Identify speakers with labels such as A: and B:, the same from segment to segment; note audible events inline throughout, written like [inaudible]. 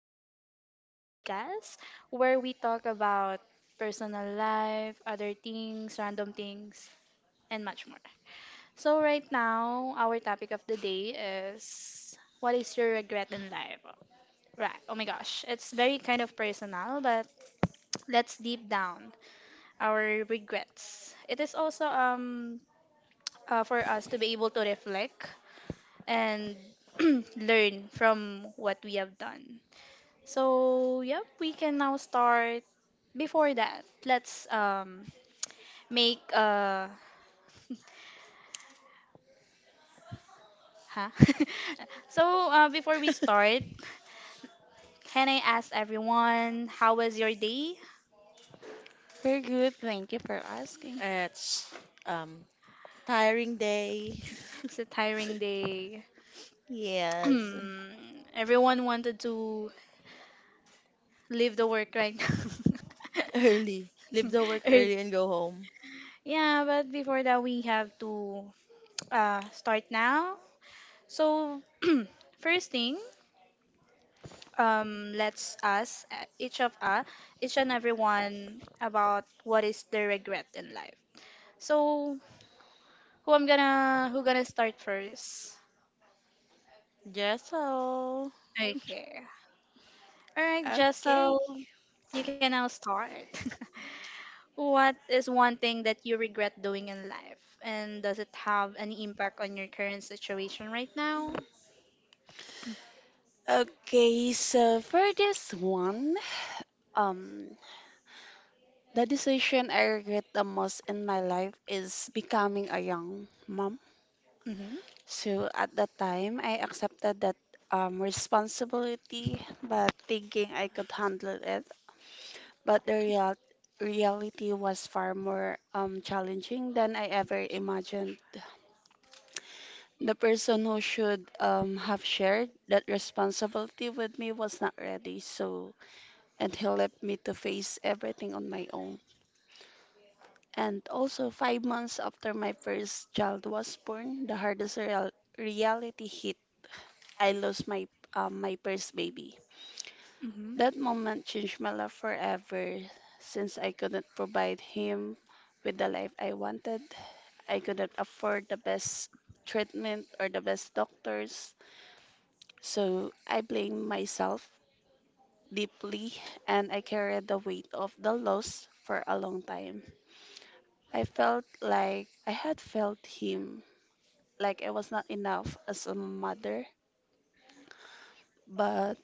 A: and Ali podcast, where we talk about personal life, other things, random things, and much more. So right now, our topic of the day is, what is your regret in life? Right. Oh my gosh. It's very kind of personal, but let's deep down our regrets. It is also for us to be able to reflect and [clears throat] learn from what we have done. So, yep, we can now start. Before that, let's make uh huh. [laughs] Before we
B: [laughs]
A: start, can I ask everyone how was your day?
C: Very good. Thank you for asking.
B: It's um tiring day.
A: It's a
B: [laughs]
A: tiring day. [clears throat]
B: Yes.
A: Hmm, everyone wanted to leave the work right now.
B: Early. Leave the
A: [laughs]
B: work
A: Early.
B: early and go home.
A: Yeah, but before that, we have to start now. So, [clears throat] first thing, let's ask each of each and everyone about what is their regret in life. So, who gonna start first?
B: Yes, so.
A: Okay. All right, Jessel, you can now start. [laughs] What is one thing that you regret doing in life, and does it have any impact on your current situation right now? [clears throat]
C: Okay, so for this one, um, the decision I regret the most in my life is becoming a young mom.
A: Mm-hmm.
C: So at that time, I accepted that responsibility, but thinking I could handle it. But the reality was far more challenging than I ever imagined. The person who should have shared that responsibility with me was not ready, so, and he left me to face everything on my own. And also, 5 months after my first child was born, the hardest reality hit. I lost my first baby.
A: Mm-hmm.
C: That moment changed my life forever since I couldn't provide him with the life I wanted. I couldn't afford the best treatment or the best doctors. So I blamed myself deeply and I carried the weight of the loss for a long time. I felt like I had failed him, like I was not enough as a mother. But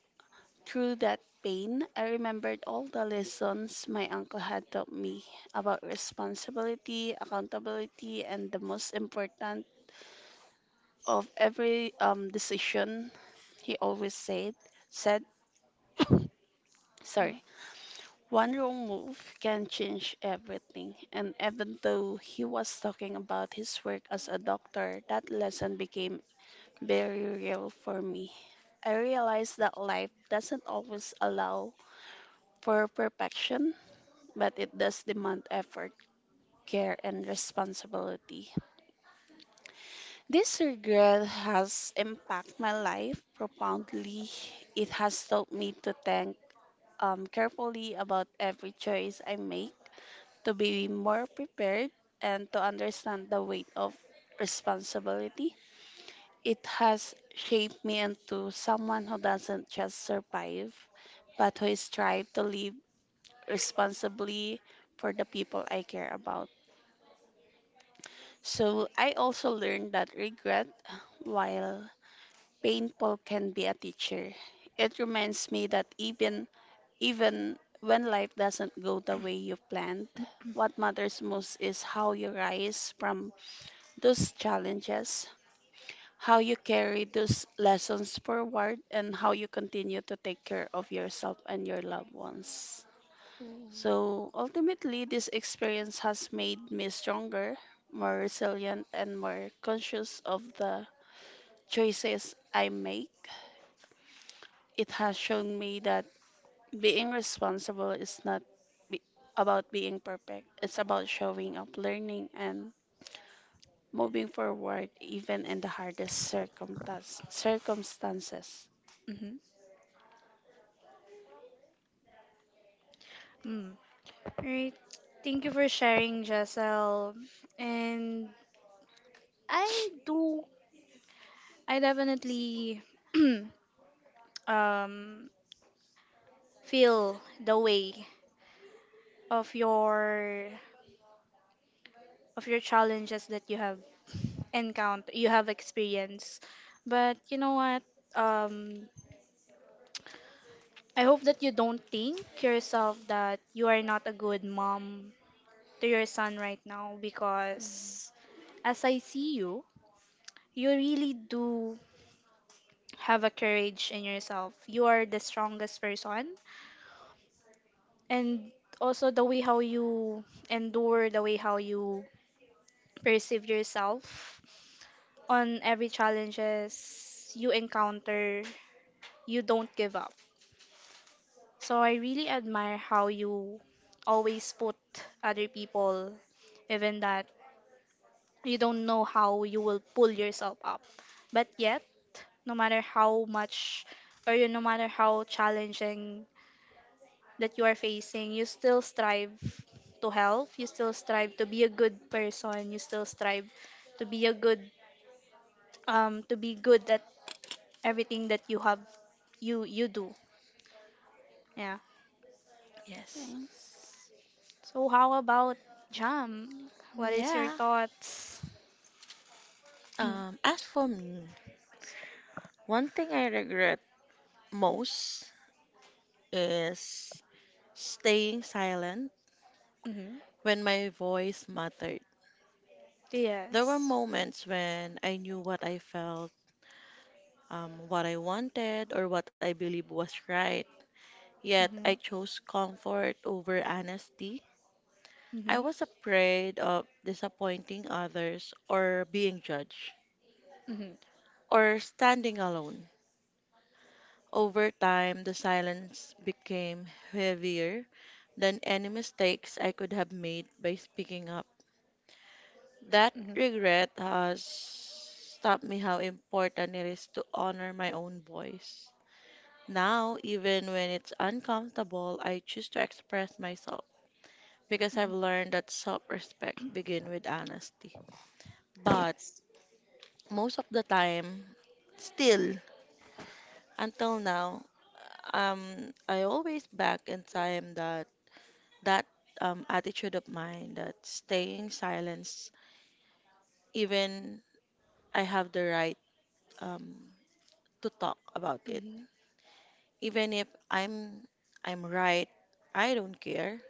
C: through that pain, I remembered all the lessons my uncle had taught me about responsibility, accountability, and the most important of every decision. He always said, [coughs] sorry.
A: Mm.
C: One wrong move can change everything, and even though he was talking about his work as a doctor, that lesson became very real for me. I realized that life doesn't always allow for perfection, but it does demand effort, care, and responsibility. This regret has impacted my life profoundly. It has taught me to think carefully about every choice I make, to be more prepared, and to understand the weight of responsibility. It has shaped me into someone who doesn't just survive, but who strives to live responsibly for the people I care about. So I also learned that regret, while painful, can be a teacher. It reminds me that even when life doesn't go the way you planned, what matters most is how you rise from those challenges, how you carry those lessons forward, and how you continue to take care of yourself and your loved ones.
B: Mm,
C: So ultimately, this experience has made me stronger, more resilient, and more conscious of the choices I make. It has shown me that being responsible is not be- about being perfect. It's about showing up, learning, and moving forward even in the hardest circumstances.
A: Mm-hmm. Right. Thank you for sharing, Jessel. And I do, I definitely [clears throat] um, feel the way of your of your challenges that you have experienced. But you know what? Um, I hope that you don't think yourself that you are not a good mom to your son right now,
B: mm.
A: because as I see you, you really do have a courage in yourself. You are the strongest person. And also the way how you endure, the way how you perceive yourself on every challenges you encounter, you don't give up. So I really admire how you always put other people, even that you don't know how you will pull yourself up. But yet, no matter how much, or you no matter how challenging that you are facing, you still strive to help, you still strive to be a good person, you still strive to be a good to be good at everything that you have you you do. Yeah.
B: Yes.
C: Thanks.
A: So how about Jam? What is your
B: Yeah.
A: thoughts?
B: Um,
A: [clears throat]
B: as for me, one thing I regret most is staying silent
A: Mm-hmm.
B: when my voice mattered. There were
A: Yes.
B: moments when I knew what I felt, what I wanted, or what I believed was right. Yet
A: Mm-hmm.
B: I chose comfort over honesty. I
A: Mm-hmm.
B: was afraid of disappointing others or being judged
A: Mm-hmm.
B: or standing alone. Over time, the silence became heavier than any mistakes I could have made by speaking up. That
A: Mm-hmm.
B: regret has taught me how important it is to honor my own voice. Now, even when it's uncomfortable, I choose to express myself, because I've
A: Hmm.
B: learned that self-respect begin with honesty. But
A: Yes.
B: most of the time, still until now, I always back in time that that attitude of mine that staying silence, even I have the right um, to talk about it.
A: Mm-hmm.
B: Even if I'm right, I don't care.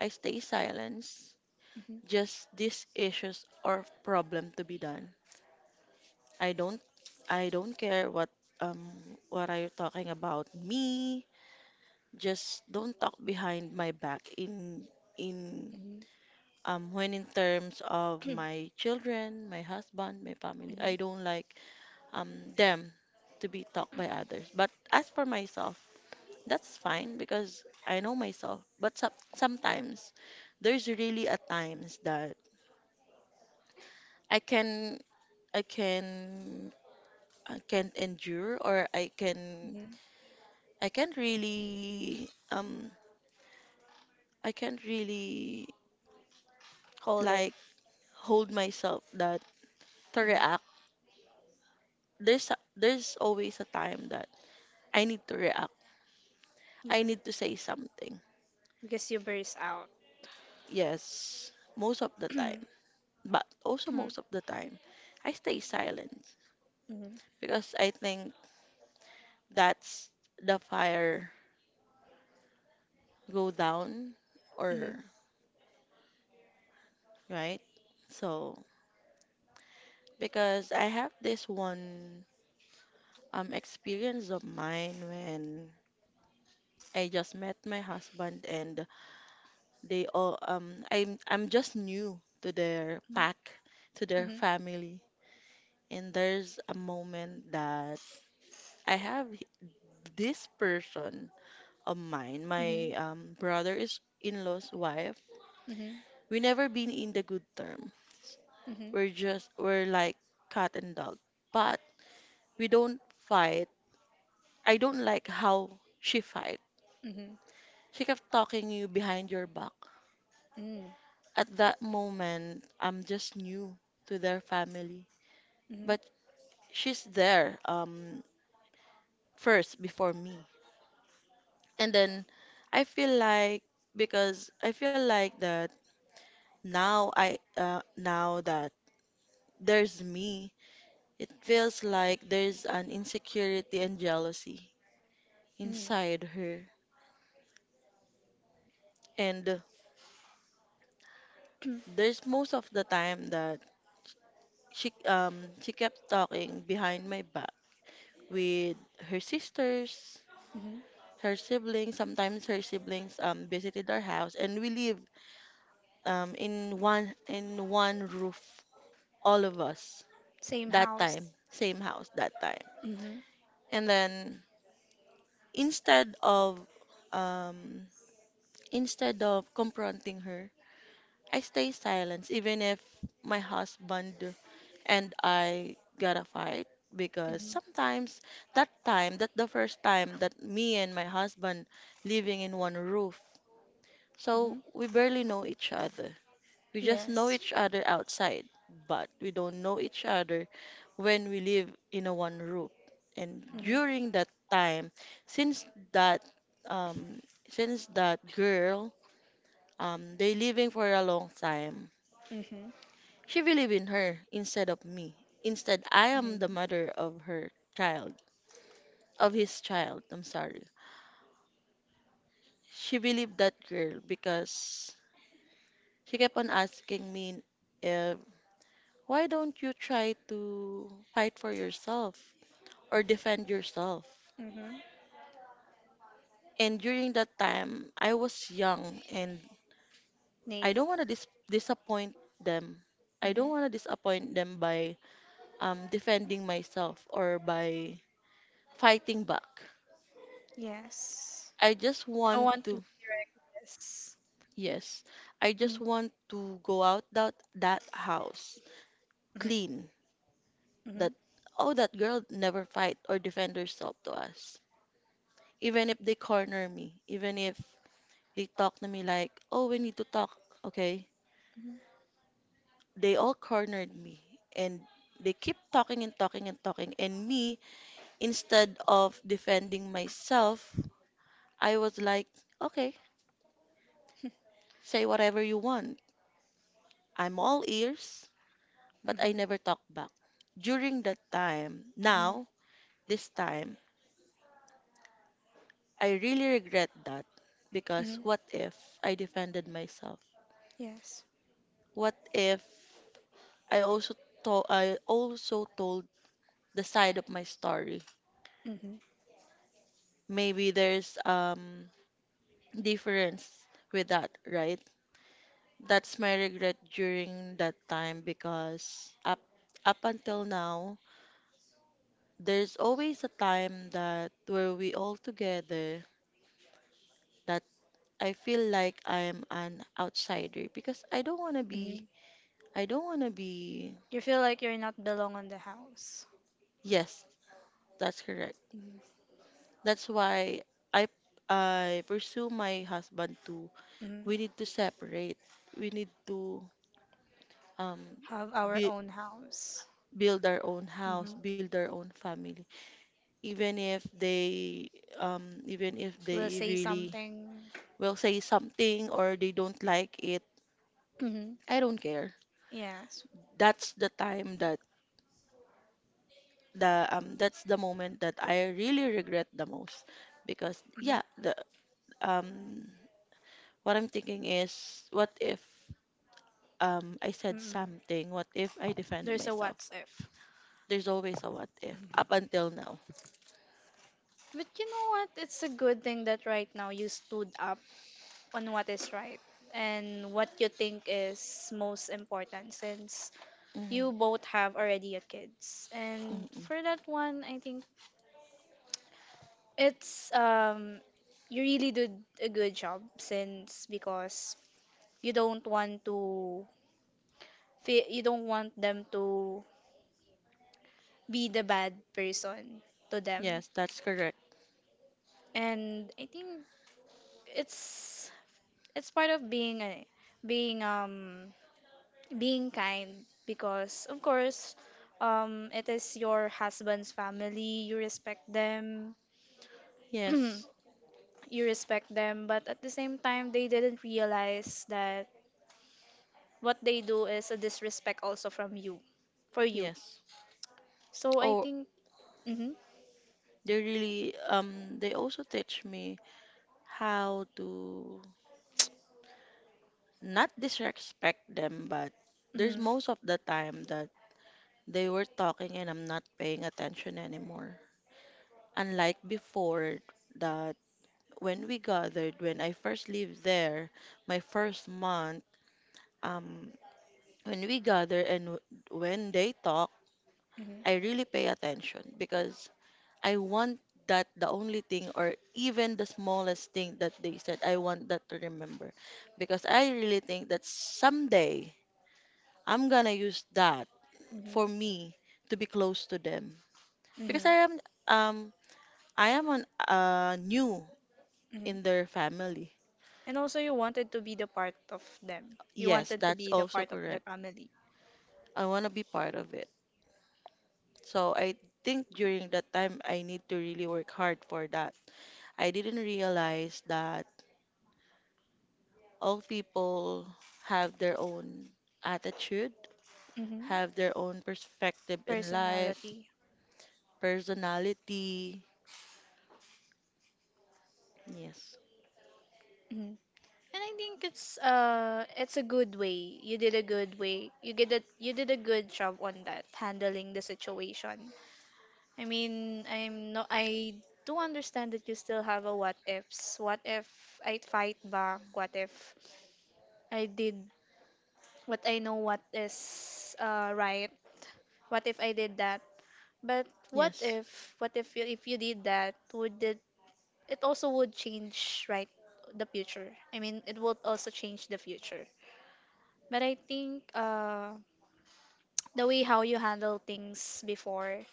B: I stay silence.
A: Mm-hmm.
B: Just these issues or problem to be done. I don't I don't care um what are you talking about me. Just don't talk behind my back in
A: Mm-hmm.
B: when in terms of my children, my husband, my family.
A: Mm-hmm.
B: I don't like them to be talked by others. But as for myself, that's fine because I know myself. But sometimes there's really a times that I can I can I can endure or I can
A: Hmm.
B: I can't really I can't really
A: Hold it.
B: like hold myself that to
A: Mm-hmm.
B: react. There's always a time that I need to react. I
A: You,
B: need to say something.
A: because you burst out.
B: Yes, most of the time,
A: [clears throat]
B: but also
A: Mm-hmm.
B: most of the time, I stay silent because I think that's the fire go down
A: Mhm.
B: or right. So because I have this one experience of mine when I just met my husband and they all I'm just new to their pack, to their
A: Mhm.
B: family. And there's a moment that I have h- this person of mine, my
A: Mhm.
B: brother is in-law's wife.
A: Mhm. Mhm.
B: We never been in the good terms.
A: Mhm.
B: We're just we're like cat and dog. But we don't fight. I don't like how she fight.
A: Mhm.
B: She kept talking you behind your back.
A: Mhm.
B: At that moment, I'm just new to their family.
A: Mhm.
B: But she's there first before me. And then I feel like because I feel like that now I now that there's me, it feels like there's an insecurity and jealousy
A: Mhm.
B: inside her. And
A: [clears throat]
B: there's most of the time that she she kept talking behind my back with her sisters,
A: Mhm.
B: her siblings. Sometimes her siblings visited our house and we lived in one roof, all of us
A: Same
B: that
A: house.
B: time, same house that time.
A: Mhm.
B: And then instead of um instead of confronting her, I stay silent even if my husband and I got a fight, because
A: Mhm.
B: sometimes that time that the first time that me and my husband living in one roof, so
A: Mhm.
B: we barely know each other. We just know
A: Yes.
B: each other outside, but we don't know each other when we live in a one room. And
A: Mhm.
B: during that time, since that um since that girl they living for a long time,
A: Mhm.
B: she believe in her instead of me. Instead, I am the
A: Mhm.
B: mother of her child, of his child. I'm sorry. She believed that girl because she kept on asking me if why don't you try to fight for yourself, or defend yourself.
A: Mhm.
B: And during that time, I was young and I
A: Name.
B: don't want to dis- disappoint them. I don't
A: Mhm.
B: want to disappoint them by defending myself or by fighting back.
A: Yes.
B: I just
A: I don't
B: want
A: want to
B: to,
A: hear this.
B: yes, I just
A: Mhm.
B: want to go out that, that house
A: Mhm.
B: clean. That,
A: Mhm.
B: oh, that girl never fight or defend herself to us. Even if they corner me, even if they talk to me like, oh, we need to talk, okay?
A: Mhm.
B: They all cornered me and they keep talking and talking and talking, and me, instead of defending myself, I was like, okay, say whatever you want, I'm all ears, but I
A: Mhm.
B: never talk back during that time.
A: Mhm.
B: Now this time I really regret that, because
A: Mhm.
B: what if I defended myself,
A: Yes.
B: what if I also told, the side of my story,
A: Mhm.
B: maybe there's difference with that, right? That's my regret during that time, because up until now, there's always a time that where we all together that I feel like I'm an outsider because I don't want to be
A: Mhm.
B: I don't want to be
A: You feel like you're not belong on the house.
B: yes, that's correct.
A: Mhm.
B: That's why I I pursue my husband too.
A: Mhm.
B: We need to separate. We need to um
A: Have our
B: be,
A: own house.
B: build our own house, build our own family, even if they
A: Will say
B: really
A: something.
B: will say something or they don't like it.
A: Hmm.
B: I don't care.
A: Yes.
B: That's the time that the that's the moment that I really regret the most, because
A: Hmm.
B: yeah, the um what I'm thinking is what if I said
A: Hmm.
B: something, what if I defend
A: There's a
B: myself.
A: what's if.
B: There's always a what if up
A: Mhm.
B: until now.
A: But you know what? It's a good thing that right now you stood up on what is right and what you think is most important, since you
B: Mm,
A: both have already a kids.
B: mm,
A: And
B: mm.
A: for that one, I think it's you really did a good job, since because you don't want to you don't want them to be the bad person to them.
B: Yes, that's correct.
A: And I think it's it's part of being being um being kind, because of course it is your husband's family, you respect them.
B: Yes.
A: [clears throat] You respect them, but at the same time they didn't realize that what they do is a disrespect also from you for you.
B: Yes.
A: So I think mhm
B: They really they also teach me how to not disrespect them, but there's
A: mhm
B: most of the time that they were talking and I'm not paying attention anymore. Unlike before that when we gathered, when I first lived there, my first month, um, when we gather and when they talk, I
A: mhm
B: really pay attention because I want that the only thing or even the smallest thing that they said, I want that to remember. Because I really think that someday I'm gonna use that
A: mhm
B: for me to be close to them. Because
A: mhm
B: um I am on new in
A: mhm.
B: their family.
A: And also, you wanted to be the part of them. You
B: Yes,
A: wanted to
B: that's
A: be the
B: also
A: part of their
B: correct.
A: family.
B: I wanna be part of it. So I think during that time I need to really work hard for that. I didn't realize that all people have their own attitude,
A: Mm-hmm.
B: have their own perspective in life,
A: Personality.
B: personality. Yes.
A: Mm-hmm. And I think it's a good way. You did a good way. You did a good job on that handling the situation. I mean, I'm no I do understand that you still have a what ifs. What if I fight back? What if I did what I know what is right? What if I did that? But what
B: Yes.
A: if what if you if you did that, would it it also would change, right, the future. I mean, it would also change the future. But I think the way how you handle things before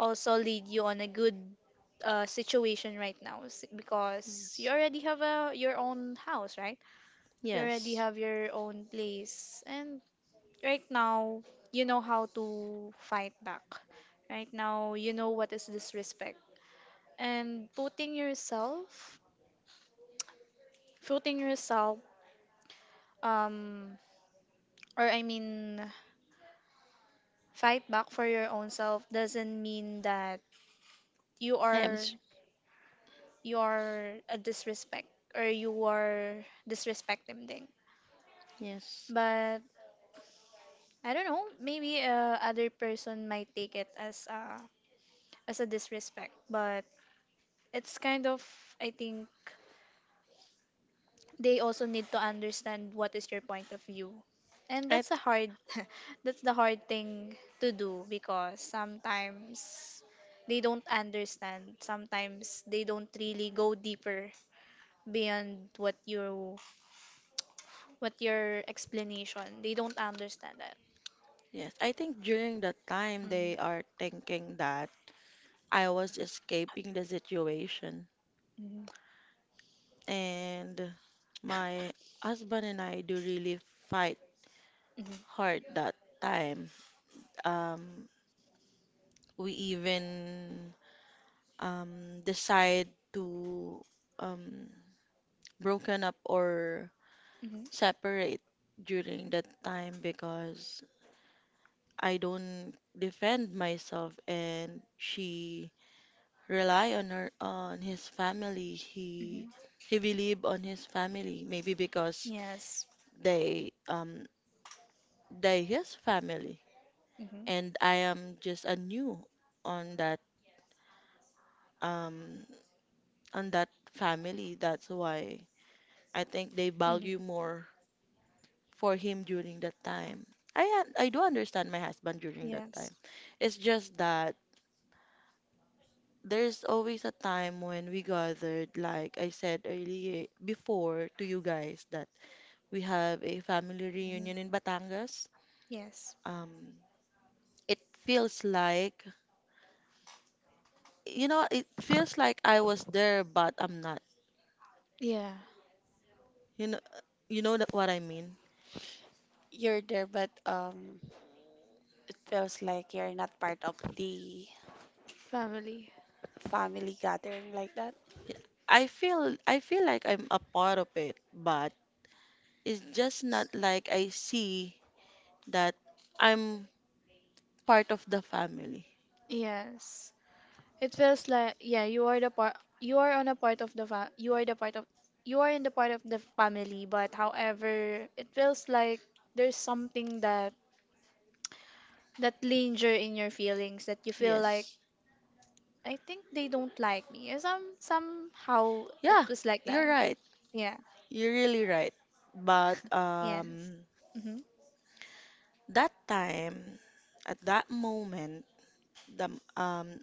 A: also lead you on a good situation right now because you
B: Yes.
A: already have a your own house, right? You already
B: Yes.
A: have your own place, and right now you know how to fight back. Right now you know what is disrespect, and putting yourself um or I mean fight back for your own self doesn't mean that you
B: I am
A: are
B: s-
A: you are a disrespect, or you are disrespecting thing.
B: yes.
A: But I don't know, maybe other person might take it as a disrespect. But it's kind of, I think, they also need to understand what is your point of view, and
B: I
A: that's a hard [laughs] that's the hard thing to do, because sometimes they don't understand, sometimes they don't really go deeper beyond what you what your explanation, they don't understand that.
B: Yes, I think during that time they
A: Mm-hmm.
B: are thinking that I was escaping the situation,
A: Mm-hmm.
B: and my husband and I do really fight
A: Mm-hmm.
B: hard that time. Um we even decide to um, broken up or
A: Mm-hmm.
B: separate during that time because I don't defend myself and she rely on her on his family. He
A: Mm-hmm.
B: he believe on his family maybe because
A: Yes.
B: they um they his family,
A: Mm-hmm.
B: and I am just a new on that um on that family. That's why I think they value
A: Mm-hmm.
B: more for him during that time. I do understand my husband during that
A: Yes.
B: time. It's just that there's always a time when we gathered, like I said earlier before to you guys, that we have a family
A: Mm-hmm.
B: reunion in Batangas.
A: Yes.
B: Um, it feels like, you know, it feels like I was there, but I'm not.
A: Yeah.
B: You know, you know that what I mean.
C: You're there, but it feels like you're not part of the
A: Family.
C: family gathering like that.
B: I feel like I'm a part of it, but it's just not like I see that I'm part of the family.
A: Yes. It feels like, yeah, you are the part, you are on a part of the you are the part of, you are in the part of the family, but however, it feels like there's something that that linger in your feelings that you feel like,
B: Yes.
A: I think they don't like me. And some somehow it
B: Yeah,
A: was like
B: you're
A: that.
B: right.
A: Yeah.
B: You're really right. But
A: Yes. Mhm.
B: that time at that moment, the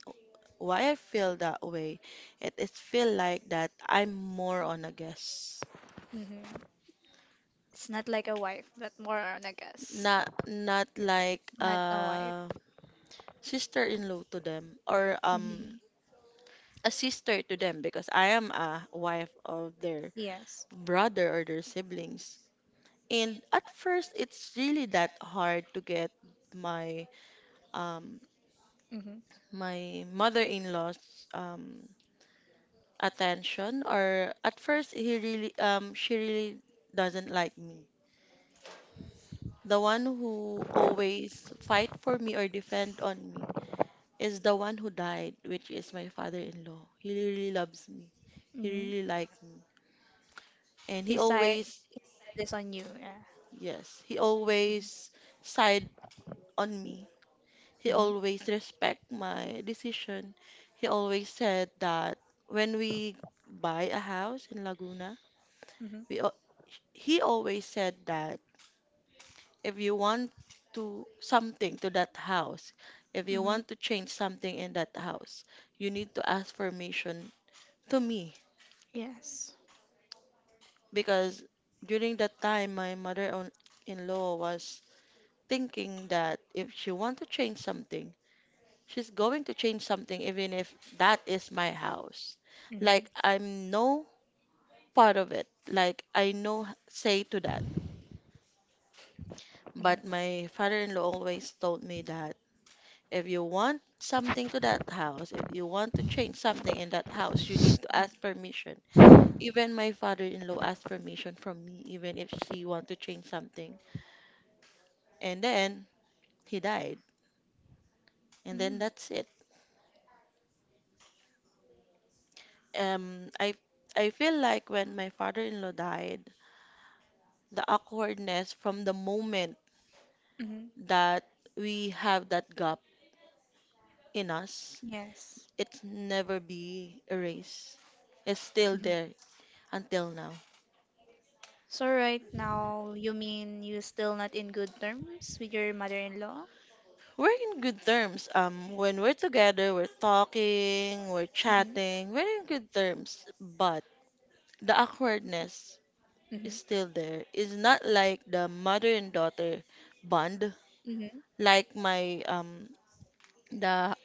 B: why I feel that way, it feel like that I'm more on a guest.
A: Mhm. It's not like a wife, but more on a guess.
B: Not not like
A: Not a wife.
B: a sister-in-law to them or
A: Mhm.
B: a sister to them because I am a wife of their
A: Yes.
B: brother or their siblings. And at first, it's really that hard to get my um
A: Mhm.
B: my mother-in-law's attention. Or at first, he really she really doesn't like me. The one who always fight for me or defend on me is the one who died, which is my father-in-law. He really loves me. He
A: Mhm.
B: really liked me, and he
A: He sigh
B: always,
A: this on you. Yeah.
B: yes, he always side on me. He
A: Mhm.
B: always respect my decision. He always said that when we buy a house in Laguna,
A: Mhm.
B: we al- he always said that if you want to something to that house, if you
A: Mm-hmm.
B: want to change something in that house, you need to ask permission to me,
A: Yes.
B: because during that time my mother-in-law was thinking that if she want to change something, she's going to change something even if that is my house.
A: Mm-hmm.
B: Like I'm no part of it. Like I no say to that. But my father-in-law always told me that if you want something to that house, if you want to change something in that house, you need to ask permission. Even my father-in-law asked permission from me, even if she want to change something. And then he died. And then
A: Mm-hmm.
B: that's it. Um, I I feel like when my father-in-law died, the awkwardness from the moment
A: Mm-hmm.
B: that we have that gap in us.
A: Yes.
B: It's never be erased. It's still
A: Mm-hmm.
B: there until now.
A: So right now, you mean you still not in good terms with your mother-in-law?
B: We're in good terms. When we're together, we're talking, we're
A: Mm-hmm.
B: chatting, we're in good terms. But the awkwardness
A: Mm-hmm.
B: is still there. It's not like the mother and daughter bond,
A: Mm-hmm.
B: like my the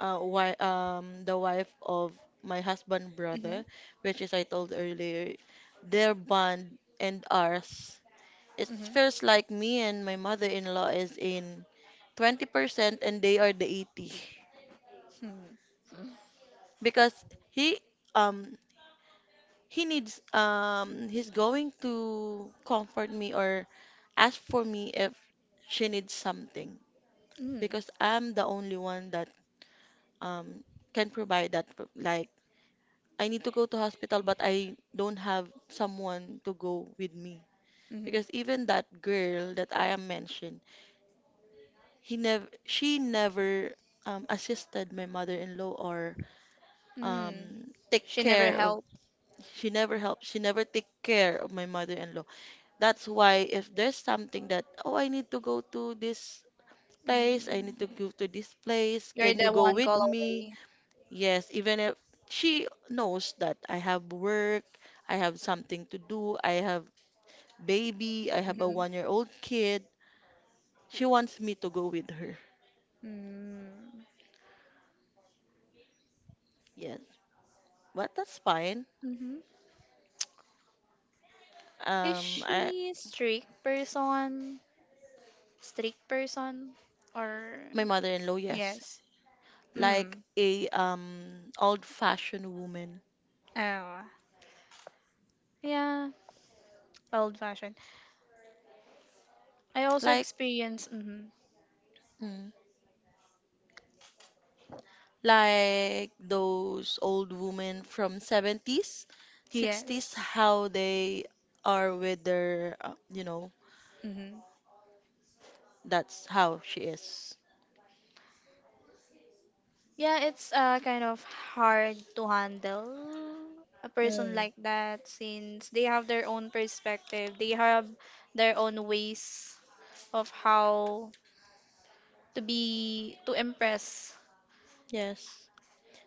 B: wi the wife of my husband
A: Mm-hmm.
B: brother, which is I told earlier, their bond and ours. It
A: Mm-hmm.
B: feels like me and my mother-in-law is in 20% and they are the 80,
A: Mm-hmm.
B: because he um he needs. He's going to comfort me or ask for me if she needs something,
A: Mm-hmm.
B: because I'm the only one that um can provide that for- like I need to go to hospital, but I don't have someone to go with me. Because even that girl that I am mentioned, he never, she never assisted my mother-in-law or
A: Mm-hmm.
B: take
A: She never
B: care of.
A: helped.
B: She never helped. She never take care of my mother-in-law. That's why if there's something that, oh, I need to go to this place, I need
A: Mm.
B: to go to this place.
A: You're
B: Can you
A: the
B: go
A: one
B: with
A: call
B: me?
A: away.
B: Yes, even if she knows that I have work, I have something to do, I have baby, I have a
A: Mm-hmm.
B: one-year-old kid, she wants me to go with her.
A: Mm.
B: Yes, but that's fine.
A: Mm-hmm. Is
B: Um, I,
A: she strict person? Strict person? Or
B: my mother-in-law, yes,
A: yes.
B: like
A: Mm.
B: a old-fashioned woman,
A: Oh, yeah, old fashioned. I also
B: like
A: experience. Mm-hmm.
B: mm, like those old women from 70s, 60s,
A: Yes.
B: how they are with their, you know,
A: Mm-hmm.
B: that's how she is.
A: Yeah, it's kind of hard to handle a person
B: Mm,
A: like that, since they have their own perspective. They have their own ways of how to impress.
B: yes.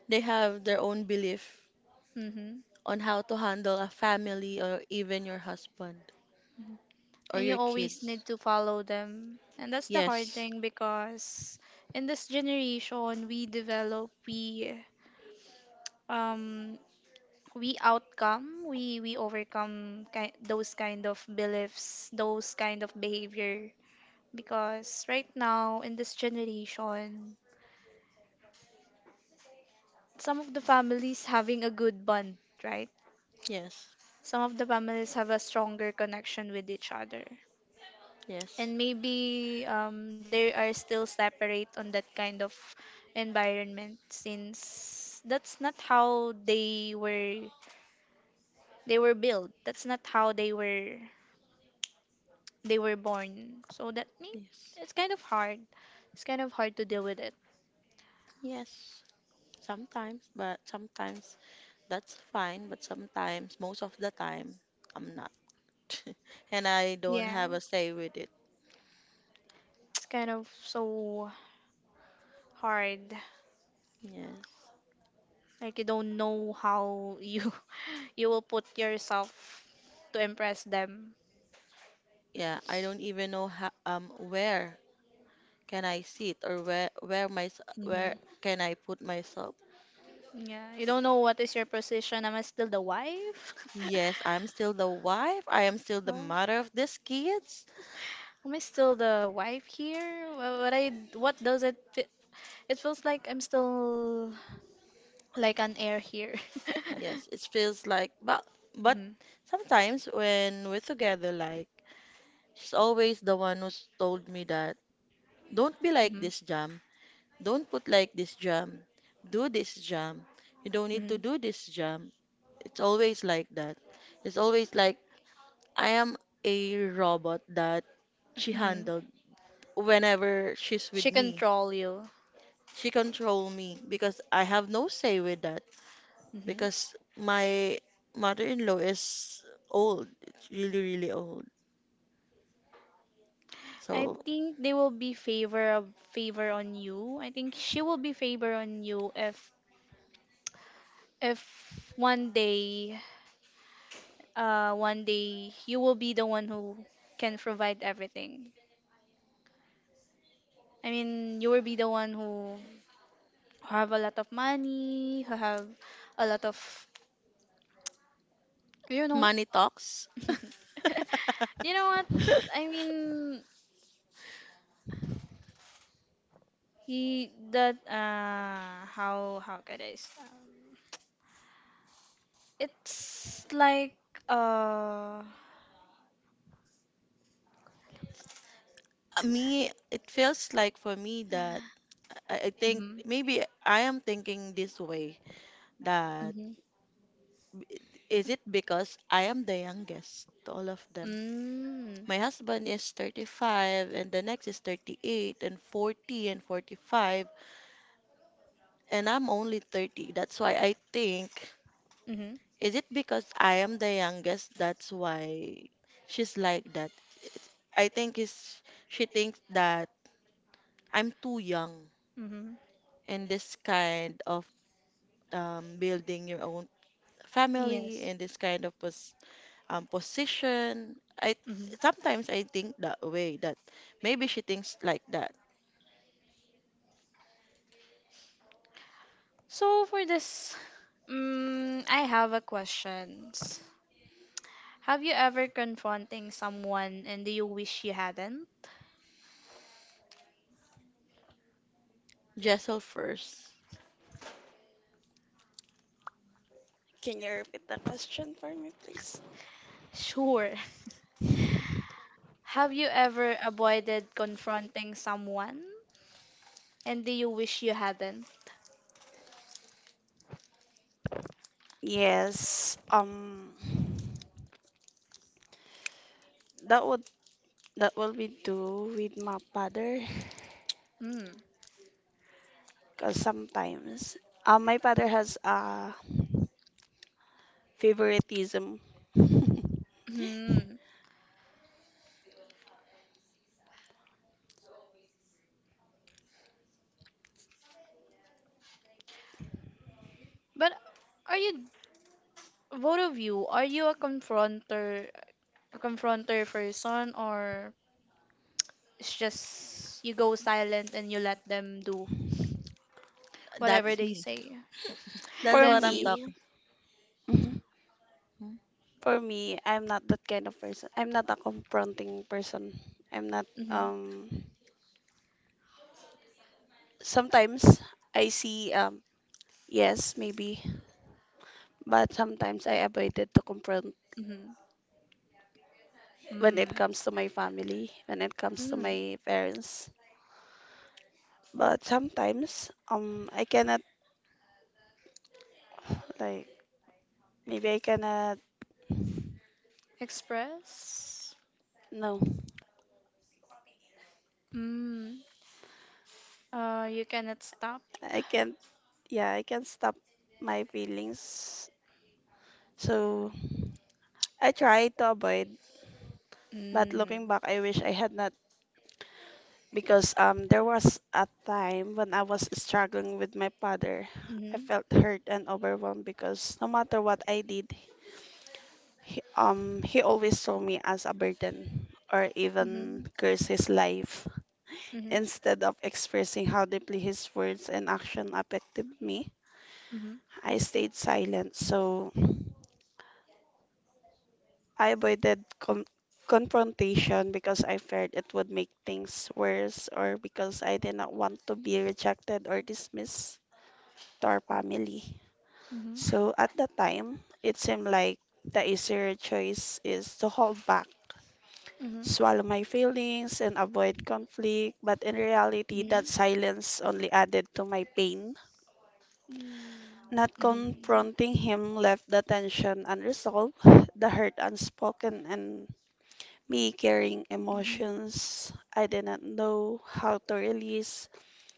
B: They have their own belief
A: Mm-hmm.
B: on how to handle a family or even your husband
A: Mm-hmm.
B: or
A: And you
B: your
A: always need
B: kids.
A: to follow them. And that's the hard
B: Yes.
A: thing, because in this generation we develop um we outcome we overcome those kind of beliefs, those kind of behavior, because right now in this generation, some of the families having a good bond, right,
B: Yes.
A: some of the families have a stronger connection with each other.
B: Yes.
A: And maybe they are still separate on that kind of environment, since that's not how they were built, that's not how they were born. So that means
B: Yes.
A: it's kind of hard. It's kind of hard to deal with it.
B: Yes. Sometimes that's fine, but sometimes, most of the time, I'm not. [laughs] And I don't
A: Yeah,
B: have a say with it.
A: it's kind of so hard.
B: Yes.
A: Like you don't know how you [laughs] you will put yourself to impress them.
B: Yeah, I don't even know how, where can I sit or where
A: Hmm.
B: can I put myself.
A: Yeah, you don't know what is your position. Am I still the wife? [laughs]
B: Yes, I'm still the wife. I am still the
A: Uh,
B: mother of these kids.
A: am I still the wife here? Wha- What I what does it? Fe- It feels like I'm still like an heir here. [laughs]
B: Yes, it feels like, but
A: Hmm.
B: sometimes when we're together, like she's always the one who's told me that don't be like
A: Hmm.
B: this jam. Don't put like this jam. Do this jam. You don't need to do this jam. It's always like that. It's always like I am a robot that she
A: Hmm.
B: handled whenever she's with
A: She
B: me.
A: control you.
B: She control me because I have no say with that.
A: Hmm.
B: Because my mother-in-law is old. It's really, really old.
A: I
B: So
A: think they will be favor of favor on you. I think she will be favor on you if one day one day you will be the one who can provide everything. I mean, you will be the one who have a lot of money, who have a lot of you know.
B: money talks.
A: [laughs] You
B: [laughs]
A: know what? I mean, he that how could I say? It's like uh
B: It feels like for me that I think
A: Mhm.
B: maybe I am thinking this way that
A: Mhm.
B: is it because I am the youngest to all of them?
A: Mm.
B: My husband is 35 and the next is 38 and 40 and 45 and I'm only 30. That's why I think,
A: Mhm.
B: is it because I am the youngest? That's why she's like that. I think is She thinks that I'm too young
A: Mhm.
B: in this kind of building your own family
A: Yes.
B: in this kind of position. I
A: Mhm.
B: sometimes I think that way that maybe she thinks like that.
A: So for this, mm, I have a question. Have you ever confronting someone and do you wish you hadn't?
B: Jessel first.
C: Can you repeat the question for me, please?
A: Sure. [laughs] Have you ever avoided confronting someone, and do you wish you hadn't?
C: Yes. That would that will be do with my father,
A: Mm.
C: cause sometimes my father has a favoritism
A: Hmm. But are you, both of you? Are you a confronter confront their person, or it's just you go silent and you let them do whatever
B: That's
A: they
B: me.
A: say?
C: [laughs]
B: That's
C: for
B: what
A: That's
B: I'm
C: me.
A: you.
B: talking.
C: Mhm.
B: Hmm?
C: For me, I'm not that kind of person. I'm not a confronting person. I'm not
A: Mm-hmm.
C: Sometimes I see, yes, maybe, but sometimes I avoided to confront
A: Mm-hmm.
C: when
A: Mm.
C: it comes to my family, when it comes to
A: Mm.
C: my parents. But sometimes I cannot, like, maybe I cannot.
A: Express.
C: No.
A: Mm. Uh, you cannot stop.
C: I can't, yeah, I can't stop my feelings. So I try to avoid, but
A: Mm.
C: looking back I wish I had not, because there was a time when I was struggling with my father. I
A: Mm-hmm.
C: felt hurt and overwhelmed because no matter what I did, he always saw me as a burden, or
A: Mm-hmm.
C: even
A: Mhm.
C: curse his life.
A: Mhm.
C: Instead of expressing how deeply his words and action affected me, I stayed silent. So I avoided confrontation because I feared it would make things worse, or because I did not want to be rejected or dismissed to our family.
A: Mhm. Mhm.
C: So at that time, it seemed like the easier choice is to hold back,
A: Mhm.
C: swallow my feelings, and avoid conflict. But in reality, that silence only added to my pain.
A: Mm.
C: Not confronting him left the tension unresolved, [laughs] the hurt unspoken, and me carrying emotions I didn't know how to release.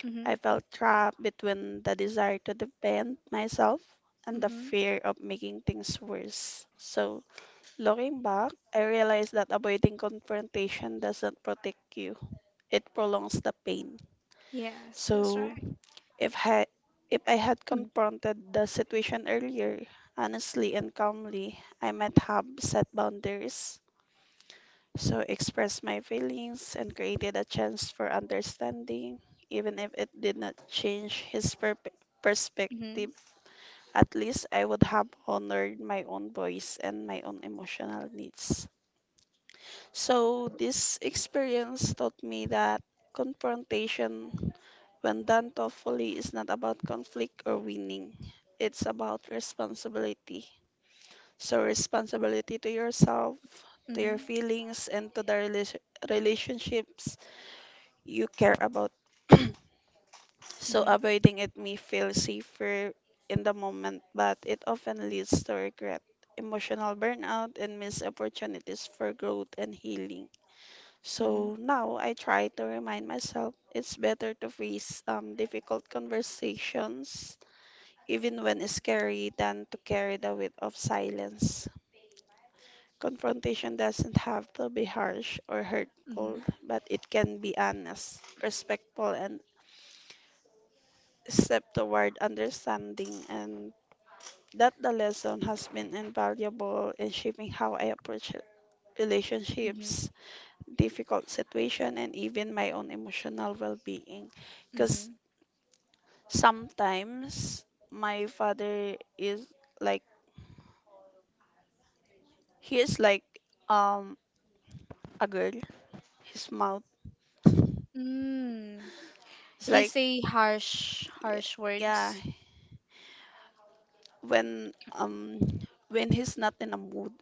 A: Mhm. Mhm.
C: I
A: Mhm.
C: felt trapped between the desire to defend myself and the
A: Hmm.
C: fear of making things worse. So, looking back, I realized that avoiding confrontation doesn't protect you, it prolongs the pain.
A: Yes, that's
C: So,
A: right.
C: if I, if I had
A: Mm.
C: confronted the situation earlier, honestly and calmly, I might have set boundaries, so expressed my feelings and created a chance for understanding, even if it did not change his
A: Mhm, mhm, mhm,
C: perspective. At least I would have honored my own voice and my own emotional needs. So this experience taught me that confrontation, when done thoughtfully, is not about conflict or winning. It's about responsibility, so responsibility to yourself, to your feelings, and to the relationships you care about. [clears throat] So
A: mhm,
C: avoiding it may feel safer in the moment, but it often leads to regret, emotional burnout, and missed opportunities for growth and healing. So now I try to remind myself it's better to face difficult conversations, even when scary, than to carry the weight of silence. Confrontation doesn't have to be harsh or hurtful,
A: mhm,
C: but it can be honest, respectful, and step toward understanding, and that the lesson has been invaluable in shaping how I approach
A: mhm,
C: relationships, difficult situation, and even my own emotional well-being. Because
A: mhm.
C: sometimes my father is like, he is like um a girl. His mouth
A: Mm.
C: is
A: He
C: like,
A: say harsh,
C: y-
A: harsh
C: yeah.
A: words.
C: When um when he's not in a mood,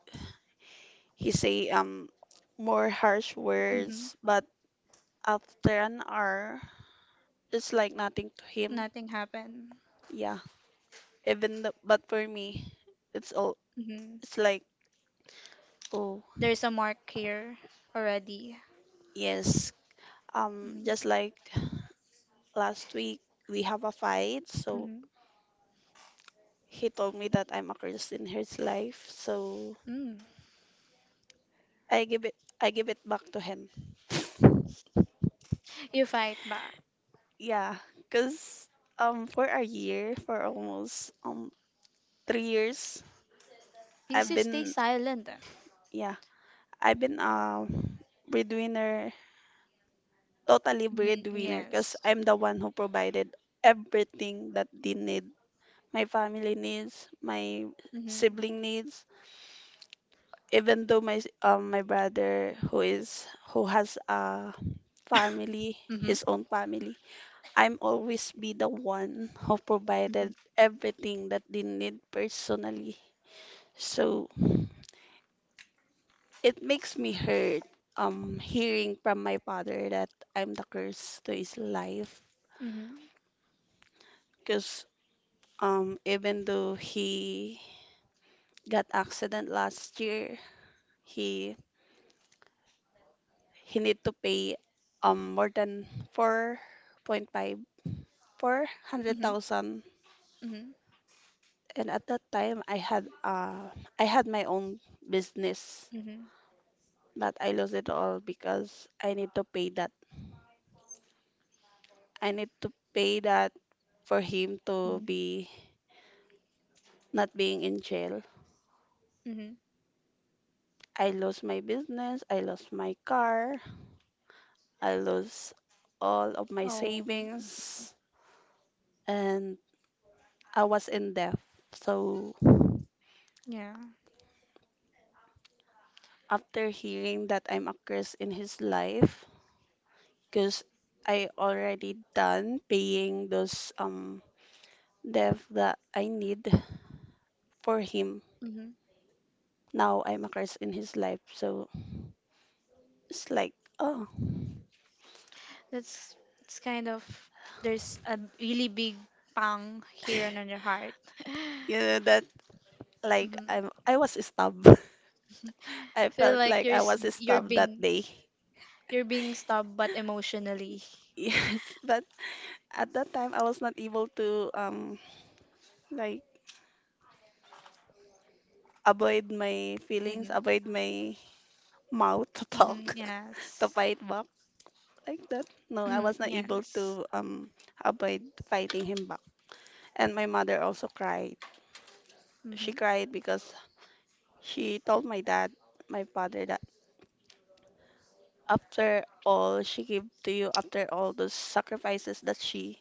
C: he say more harsh
A: Mm-hmm.
C: words, but after an hour, it's like nothing to him.
A: Nothing happened.
C: Yeah, but for me, it's all
A: Mm-hmm.
C: it's like, oh,
A: There's a mark here already.
C: yes.
A: Mm-hmm.
C: Just like last week, we have a fight, so
A: Mm-hmm.
C: he told me that I'm a curse in his life, so
A: Mm.
C: I give it I give it back to him. [laughs]
A: You fight back
C: Yeah, cause for a year, for almost 3 years,
A: because
C: I've
A: you stay
C: been,
A: silent.
C: yeah, I've been breadwinner Totally
A: Mm-hmm.
C: breadwinner, because
A: Yes.
C: I'm the one who provided everything that they need. My family needs, my
A: Mm-hmm.
C: sibling needs, even though my brother who is, who has a family, his own family, I'm always be the one who
A: Mm-hmm.
C: provided everything that they need personally. So it makes me hurt hearing from my father that I'm the curse to his life.
A: Mhm.
C: Because, even though he got accident last year, he he need to pay more than four point five four hundred
A: Mhm.
C: thousand.
A: Mhm.
C: And at that time, I had my own business,
A: Mhm.
C: but I lost it all because I need to pay that I need to pay that for him to
A: Mhm.
C: be not being in jail.
A: Mhm.
C: I lost my business, I lost my car, I lost all of my
A: Oh. Mhm.
C: savings, and I was in death. So
A: Yeah.
C: after hearing that I'm a curse in his life, because I already done paying those debt that I need for him.
A: Mhm.
C: Now I'm a curse in his life. So it's like, oh.
A: That's, it's kind of, there's a really big pang here
C: [laughs]
A: on your heart. [laughs]
C: You know that, like,
A: Mhm.
C: I was stabbed. [laughs] I
A: Feel
C: felt
A: like
C: like I was
A: you're
C: stabbed that
A: being,
C: day. [laughs]
A: you're being stabbed but emotionally.
C: Yes, but at that time I was not able to like avoid my feelings,
A: Mhm.
C: avoid my mouth to
A: Hmm.
C: talk [laughs] to
A: Yes.
C: fight back like that. No, I
A: Mhm,
C: was not able
A: yes.
C: to avoid fighting him back. And my mother also cried. She
A: Hmm.
C: cried because she told my dad, my father, that after all she gave to you, after all those sacrifices that she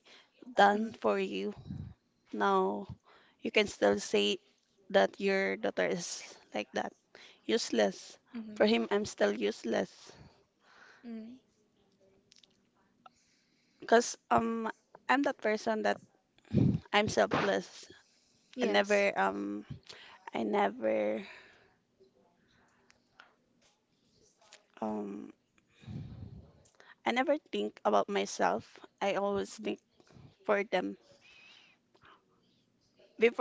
C: done
A: Hmm.
C: for you, now you can still say that your daughter is like that, useless.
A: Hmm.
C: For him, I'm still useless.
A: Mm.
C: Cause, I'm that person that I'm selfless. I
A: Yes.
C: never um I never um I never think about myself. I always
A: Mhm,
C: think for them.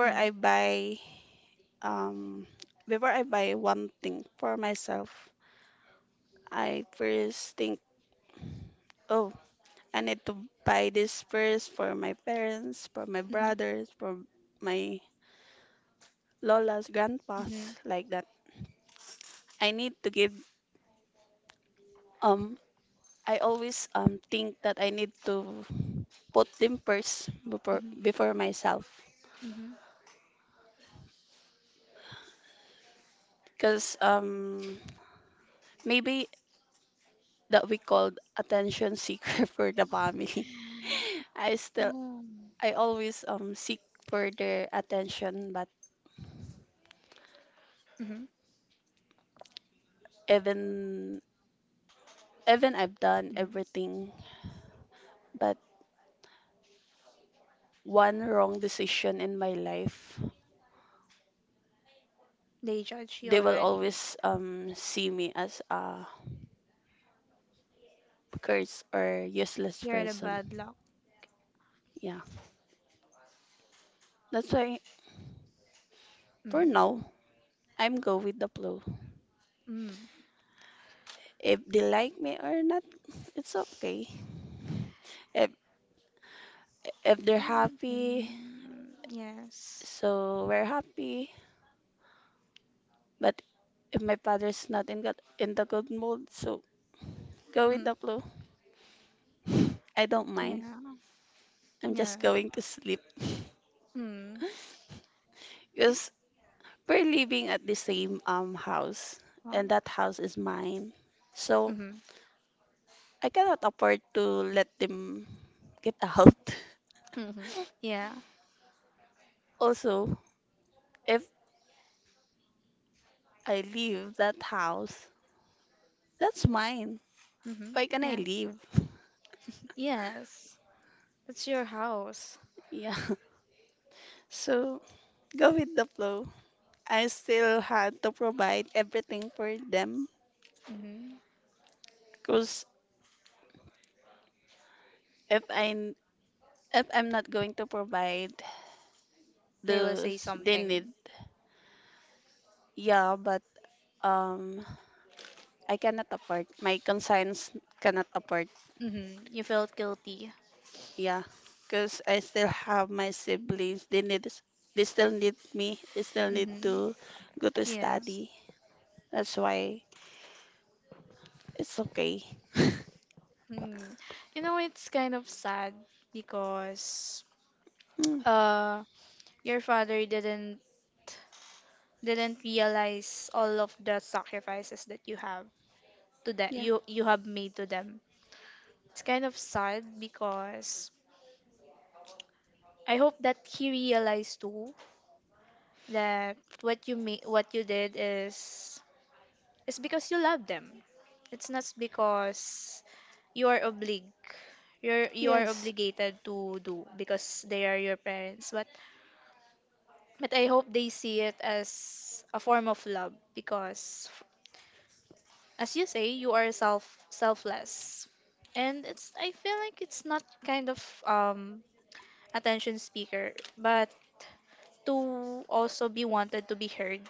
A: mhm, mhm,
C: I buy um before I buy one thing for myself, I first think, oh, I need to buy this first for my parents, for my brothers, for my lolas, grandpas, like that. I need to give um I always think that I need to put them first
A: mhm,
C: before myself.
A: mhm, mhm.
C: Because maybe that we called attention seeker [laughs] for the family. [laughs] I still
A: Oh.
C: I always seek for their attention, but
A: Mhm,
C: even even I've done
A: mhm.
C: everything, but one wrong decision in my life,
A: They judge you
C: they will
A: already.
C: always see me as a curse or useless
A: You're at a
C: person.
A: bad luck.
C: Yeah, that's why for
A: Mm.
C: now I'm go with the flow.
A: Mm.
C: If they like me or not, it's okay. If if they're
A: Mm.
C: happy,
A: Mm. Yes.
C: so we're happy. But if my father's not in good, in the good mood, so go with
A: Mm.
C: the flow. I don't mind.
A: Yeah.
C: I'm
A: Yeah.
C: just going to sleep
A: Mm.
C: because we're living at the same house,
A: Wow.
C: and that house is mine. So
A: Mm-hmm.
C: I cannot afford to let them get out. [laughs]
A: Mm-hmm. Yeah.
C: Also, if I leave that house, that's mine.
A: Mm-hmm.
C: Why can I
A: Yeah.
C: leave?
A: Yes. That's your house.
C: [laughs] Yeah. So go with the flow. I still had to provide everything for them,
A: Mm-hmm.
C: because if I if I'm not going to provide
A: They will say
C: those they need.
A: something.
C: Yeah, but um I cannot afford, my conscience cannot afford,
A: Mm-hmm. You felt guilty.
C: yeah, because I still have my siblings. They need, they still need me. They still need
A: Mm-hmm.
C: to go to
A: Yes.
C: study. That's why it's okay. [laughs]
A: Mm. It's kind of sad because
C: Mm,
A: uh your father didn't realize all of the sacrifices that you have to that
C: yeah.
A: you have made to them. It's kind of sad because I hope that he realized too that what you did is because you love them. It's not because you are oblig you are
C: Yes.
A: obligated to do because they are your parents, but I hope they see it as a form of love because, as you say, you are selfless. And it's, I feel like it's not kind of attention speaker, but to also be wanted to be heard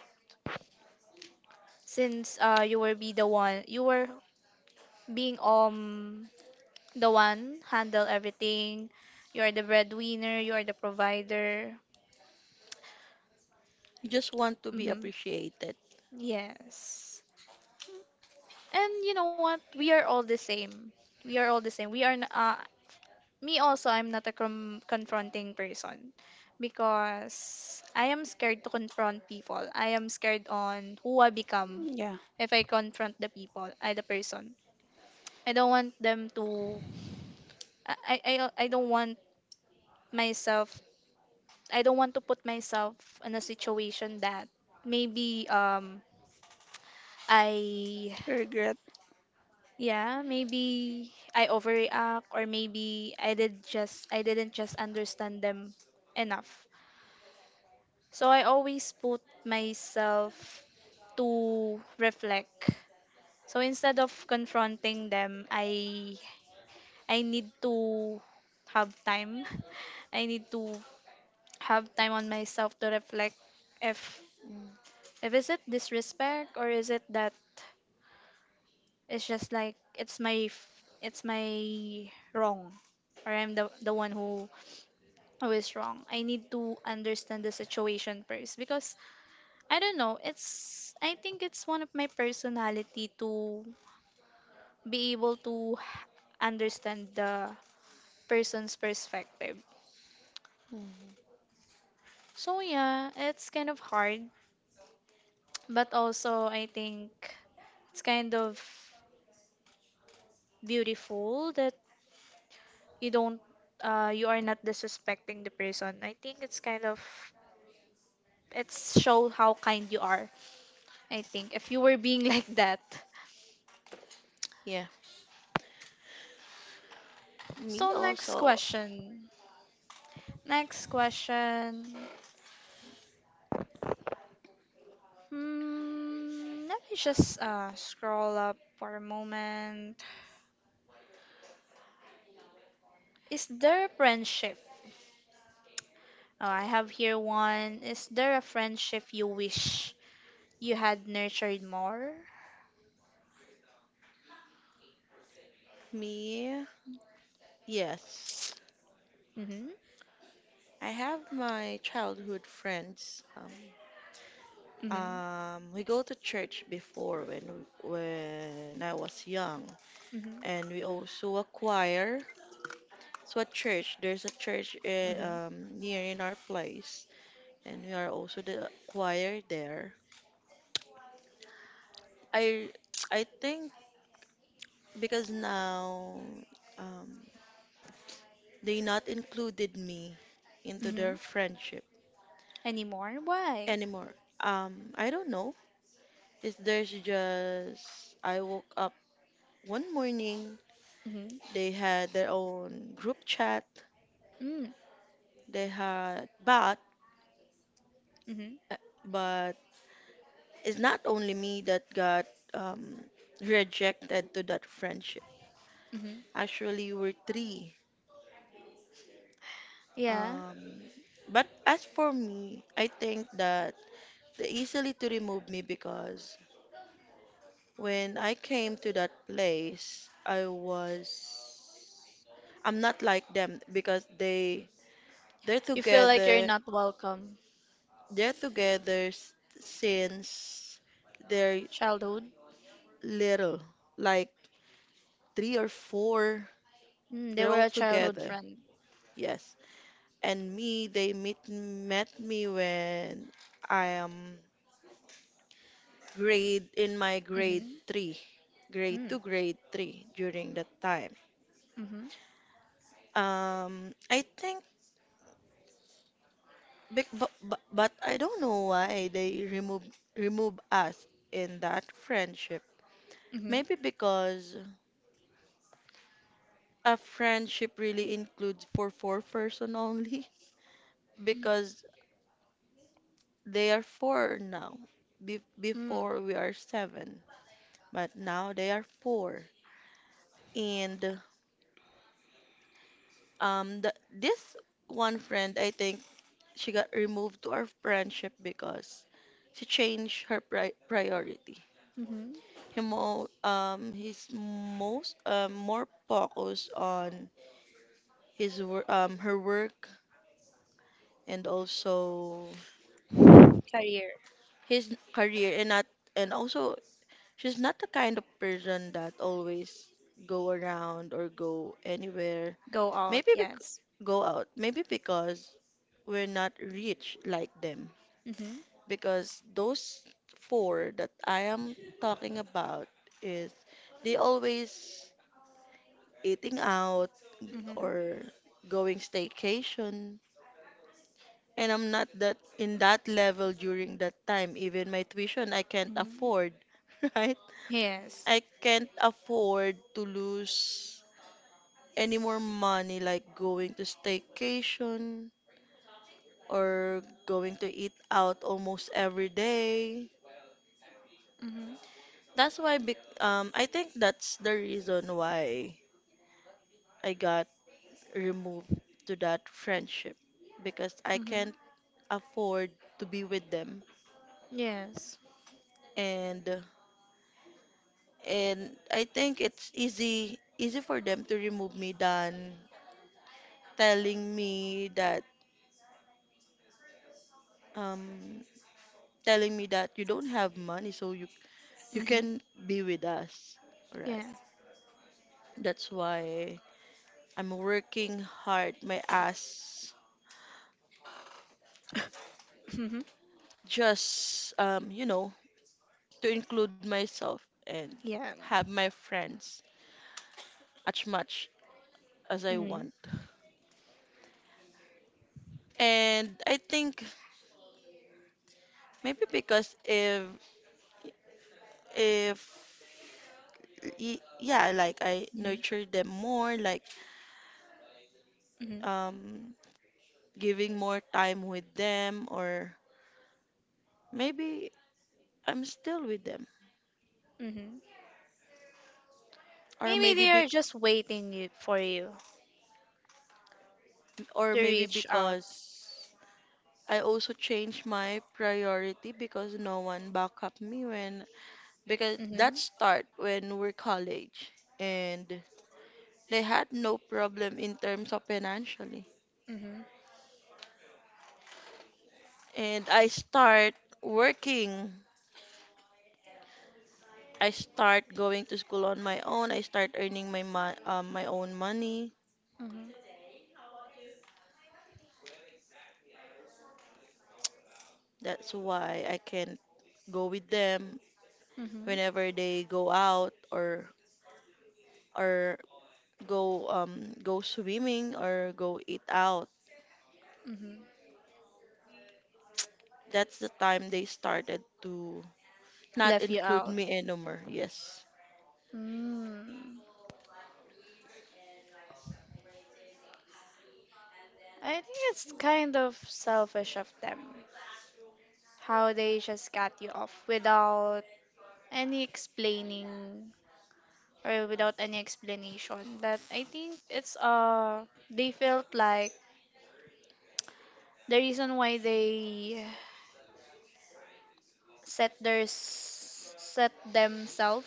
A: since you were being the one handle everything. You are the breadwinner, you are the provider.
B: Just want to be
A: Mm-hmm.
B: appreciated.
A: Yes. And you know what, we are all the same. we are all the same we are n- uh, Me also, I'm not a confronting person because I am scared to confront people. I am scared on who I become
C: Yeah.
A: if I confront the people I the person. I don't want them to, I don't want myself, I don't want to put myself in a situation that maybe I
C: Regret.
A: yeah, maybe I overreact or maybe I didn't just understand them enough. So I always put myself to reflect. So instead of confronting them, I need to have time. [laughs] I need to have time on myself to reflect if
B: Mm,
A: is it disrespect or is it that it's just like it's my wrong, or I'm the one who is wrong. I need to understand the situation first because I don't know. It's, I think it's one of my personality to be able to understand the person's perspective.
B: mhm.
A: So yeah, it's kind of hard, but also I think it's kind of beautiful that you don't, you are not disrespecting the person. I think it's kind of, it's show how kind you are. I think if you were being [laughs] like that.
B: Yeah, me
A: So next
B: also.
A: question. Next question. Hmm, let me just scroll up for a moment. Is there a friendship? Oh, I have here one. Is there a friendship you wish you had nurtured more?
B: Me. Yes,
A: Mm-hmm.
B: I have my childhood friends.
A: Mm-hmm.
B: We go to church before when I was young,
A: Mm-hmm.
B: and we also a choir. So a church, there's a church
A: Mm-hmm.
B: near in our place, and we are also the choir there. I I think because now um, they not included me into
A: Mm-hmm.
B: their friendship
A: Anymore? Why?
B: anymore. I don't know. Is there's just I woke up one morning,
A: Mm-hmm.
B: they had their own group chat,
A: Mm.
B: they had
A: Mm-hmm.
B: uh, but it's not only me that got um, rejected to that friendship.
A: Mm-hmm.
B: Actually, we're three.
A: Yeah.
B: Um, but as for me, I think that they easily to remove me because when I came to that place, I'm not like them because they're
A: You feel like you're
B: together.
A: not welcome.
B: They're together s- since they're
A: Childhood.
B: little, like three or four.
A: Mm, they
B: They're
A: were
B: all
A: a childhood
B: together.
A: friend.
B: Yes. And me, they meet met me when I am grade in my grade
A: Mm-hmm.
B: three, grade two,
A: Mm.
B: grade three during that time.
A: Mm-hmm.
B: I think, But but but I don't know why they remove us in that friendship.
A: Mm-hmm.
B: Maybe because a friendship really includes for four-person only, [laughs] because they are four now. Be-
A: Mm.
B: before we are seven, but now they are four. And this one friend, I think she got removed to our friendship because she changed her pri- priority.
A: Mm-hmm.
B: He mo he's most More focused on his wor her work and also
A: Career.
B: his career, and not and also she's not the kind of person that always go around or go anywhere,
A: Go out,
B: maybe bec-
A: yes.
B: go out maybe because we're not rich like them,
A: Mm-hmm.
B: because those four that I am talking about is they always eating out
A: Mm-hmm.
B: or going staycation, and I'm not that in that level during that time. Even my tuition I can't
A: Mm-hmm.
B: afford. [laughs] Right,
A: Yes.
B: I can't afford to lose any more money like going to staycation or going to eat out almost every day.
A: Mm-hmm.
B: That's why bec I think that's the reason why I got removed to that friendship because I
A: Mm-hmm.
B: can't afford to be with them.
A: Yes.
B: And and I think it's easy for them to remove me than telling me that um telling me that you don't have money, so you
A: Mm-hmm.
B: can be with us, right?
A: Yeah.
B: That's why I'm working hard my ass,
A: Mm-hmm.
B: just you know, to include myself and
A: Yeah.
B: have my friends as much as I
A: Mm-hmm.
B: want. And I think maybe because if yeah, like I
A: Mm-hmm.
B: nurture them more, like
A: Mm-hmm.
B: um giving more time with them, or maybe I'm still with them.
A: Mm-hmm.
B: Or
A: Maybe
B: maybe
A: they
B: bec
A: are just waiting you, for you
B: or
A: to
B: maybe
A: reach out.
B: because I also changed my priority, because no one back up me when, because that
A: Mm-hmm.
B: start when we're college, and they had no problem in terms of financially.
A: Mm-hmm.
B: And I start working. I start going to school on my own. I start earning my mo my own money.
A: Mm-hmm.
B: That's why I can go with them
A: Mm-hmm.
B: whenever they go out or or go go swimming or go eat out.
A: Mm-hmm.
B: That's the time they started to not
A: Left you
B: include
A: out.
B: me anymore. Yes.
A: Mm. I think it's kind of selfish of them, how they just cut you off without any explaining or without any explanation. But I think it's, they felt like the reason why they set themselves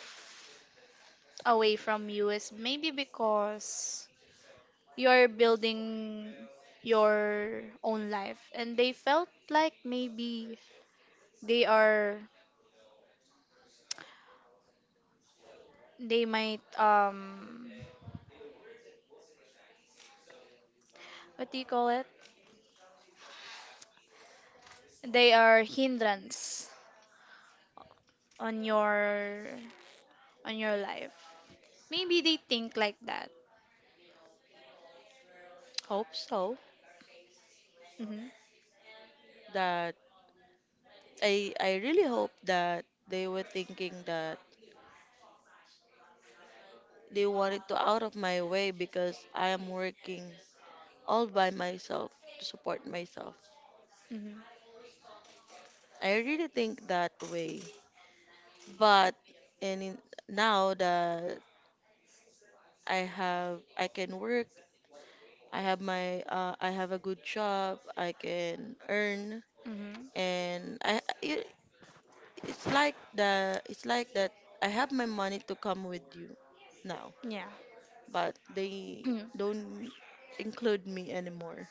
A: away from you is maybe because you're building your own life, and they felt like maybe they are they might, what do you call it, they are hindrance on your life. Maybe they think like that.
B: Hope so.
A: Mhm.
B: That I really hope that they were thinking that they wanted to out of my way because I am working all by myself to support myself.
A: Mhm.
B: I really think that way. But and in, Now that I can work, I have my I have a good job. I can earn,
A: Mhm.
B: and it's like the it's like that. I have my money to come with you now,
A: Yeah. [clears throat]
B: but they
A: Mm.
B: don't include me anymore.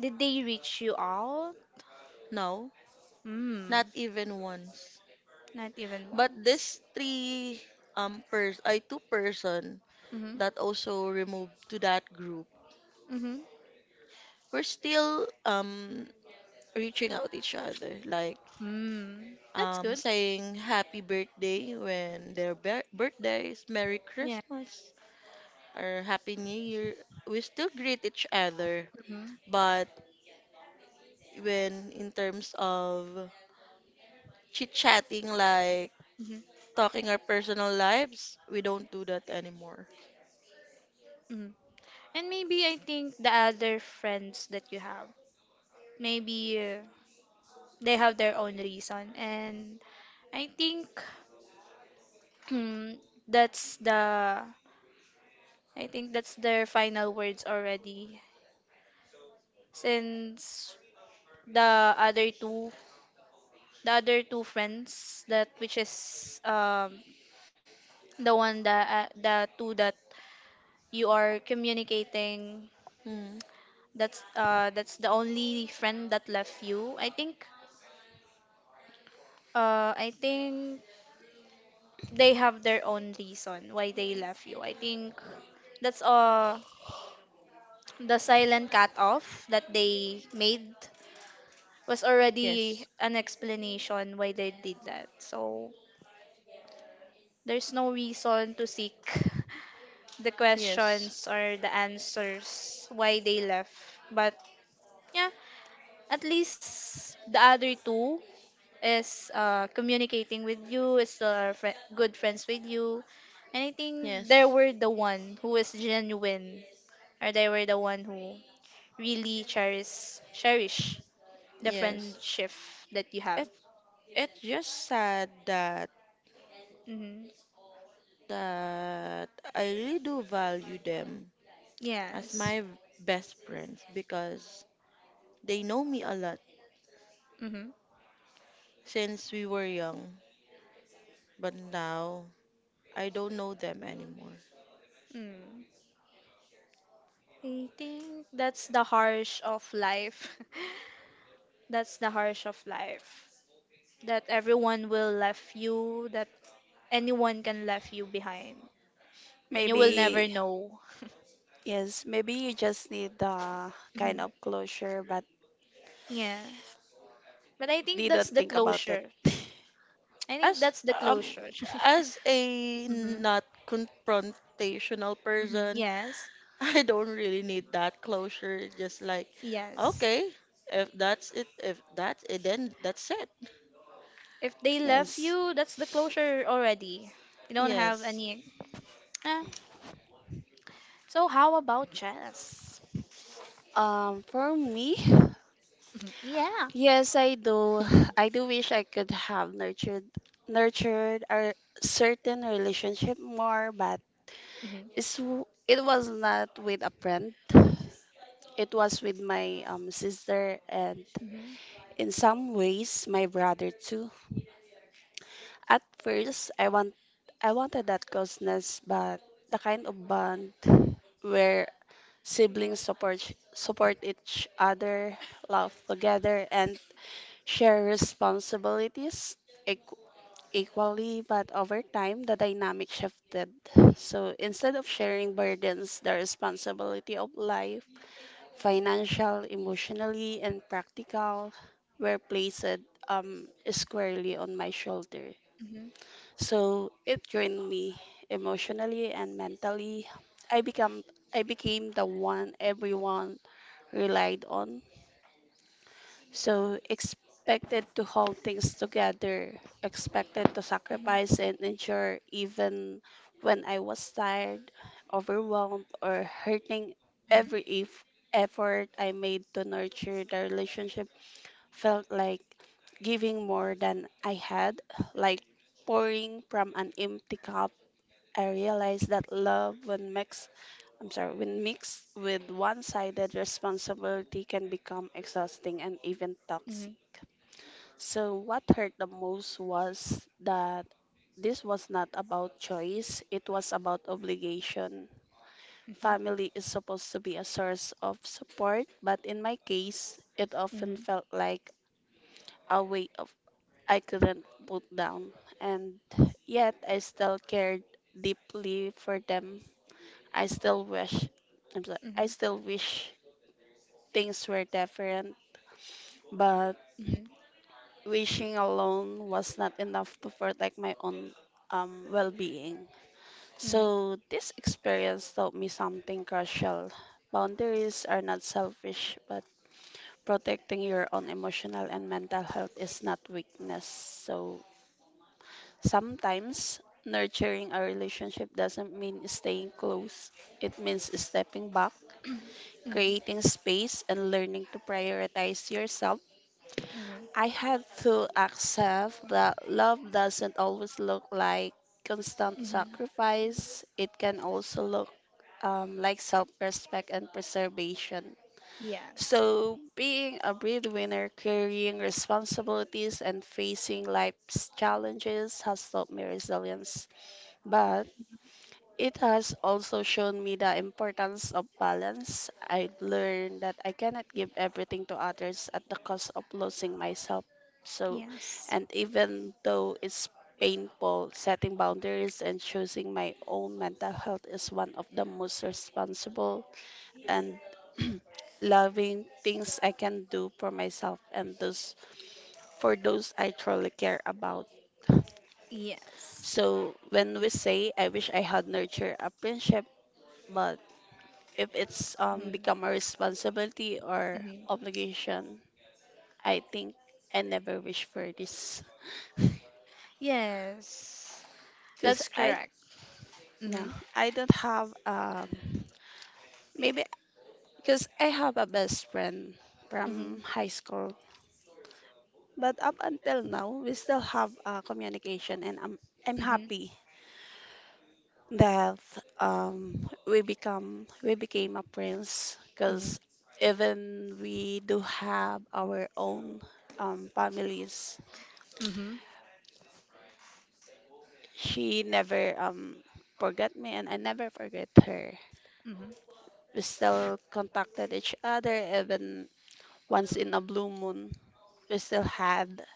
A: Did they reach you out?
B: No,
A: Mm.
B: not even once.
A: Not even
B: But
A: once.
B: this three pers I two person
A: Mhm.
B: that also removed to that group,
A: Mhm.
B: we're still reaching out each other, like
A: Mm. That's good.
B: saying happy birthday when their bir- birthday is, Merry
A: Yeah.
B: Christmas, or Happy New Year. We still greet each other,
A: Mhm.
B: but when in terms of chit chatting, like
A: Mhm.
B: talking our personal lives, we don't do that anymore.
A: Mhm. And maybe I think the other friends that you have, maybe, they have their own reason, and I think [clears throat] mm, that's the I think that's their final words already, since the other two, friends that, which is the one that, the two that you are communicating,
B: Hmm.
A: that's, that's the only friend that left you, I think. I think they have their own reason why they left you. I think that's, the silent cut off that they made was already
B: Yes,
A: an explanation why they did that. So there's no reason to seek [laughs] the
B: yes,
A: questions or the answers why they left. But yeah, at least the other two is, communicating with you, is still are fri good friends with you. And I think
B: yes,
A: they were the one who is genuine, or they were the one who really cherish the
B: yes.
A: friendship that you have.
B: It, it's just sad that
A: Mm-hmm.
B: that I really do value them as
A: Yes.
B: my best friends because they know me a lot
A: Mm-hmm.
B: since we were young, but now I don't know them anymore.
A: Mm. I think that's the harsh of life. [laughs] That's the harsh of life. That everyone will left you, that anyone can left you behind. And you will never
C: Maybe,
A: know. [laughs]
C: yes, maybe you just need the kind
A: Mhm.
C: of closure, but
A: Yeah. But I think
C: they
A: that's
C: don't
A: the
C: think about it.
A: closure.
C: [laughs]
A: I think
B: As
A: that's the
B: um
A: closure. [laughs]
B: as a
A: Hmm.
B: not confrontational
A: Hmm.
B: person,
A: Yes.
B: [laughs] I don't really need that closure. Just like,
A: Yes.
B: okay, if that's it, then that's it.
A: If they left
C: Yes.
A: you, that's the closure already. You don't have
B: Yes.
A: any. Ah. So how about chess?
C: For me,
A: [laughs] Mhm. Yeah.
C: yes, I do. I
B: [laughs]
C: do wish I could have nurtured nurtured a certain relationship more, but
A: Mm-hmm.
C: it was not with a friend. It was with my
A: Mhm. Mhm.
C: sister and
A: Mhm. Mhm. Mhm. Mhm.
C: in
A: Mhm.
C: some ways my brother too. At first, I wanted that closeness, but the kind of bond where siblings support each other, laugh together, and share responsibilities equ- equally. But over time, the dynamic shifted. So instead of sharing burdens, the responsibility of life, financial, emotionally, and practical, were placed squarely on my shoulders. So it drained me emotionally and mentally. I become I became the one everyone relied on. So expected to hold things together, expected to sacrifice and ensure even when I was tired, overwhelmed or hurting, every if effort I made to nurture the relationship felt like giving more than I had, like pouring from an empty cup. I realized that love, when mixed, when mixed with one-sided responsibility, can become exhausting and even toxic. So, what hurt the most was that this was not about choice, it was about obligation. Family is supposed to be a source of support, but in my case, it often felt like a weight of I couldn't put down, and yet I still cared deeply for them. I still wish, I still wish things were different, but wishing alone was not enough to protect my own well being. So, this experience taught me something crucial. Boundaries are not selfish, but protecting your own emotional and mental health is not weakness. So, sometimes nurturing a relationship doesn't mean staying close, it means stepping back,
A: Mhm. Mhm.
C: creating space and learning to prioritize yourself.
A: Mhm.
C: I had to accept that love doesn't always look like constant
A: Mhm.
C: sacrifice. It can also look like self respect and preservation.
A: Yes.
C: So, being a breadwinner, carrying responsibilities, and facing life's challenges has taught me resilience. But it has also shown me the importance of balance. I learned that I cannot give everything to others at the cost of losing myself. So,
A: Yes.
C: and even though it's painful, setting boundaries and choosing my own mental health is one of the most responsible and [clears throat] loving things I can do for myself and those for those I truly care about.
A: Yes.
C: So when we say I wish I had nurtured a friendship, but if it's
A: Mhm.
C: become a responsibility or
A: Mhm.
C: obligation, I think I never wish for this. [laughs]
A: Yes.
C: Cause
A: That's
C: I,
A: correct.
C: yeah,
A: Mm-hmm.
C: I don't have, maybe because I have a best friend
A: Mm-hmm.
C: from high school. But up until now, we still have communication, and I'm
A: Mm-hmm.
C: happy that we became a prince
A: Mm-hmm.
C: because even we do have our own families.
A: Mm-hmm.
C: She never forgot me and I never forget her. We still contacted each other even once in a blue moon. We still had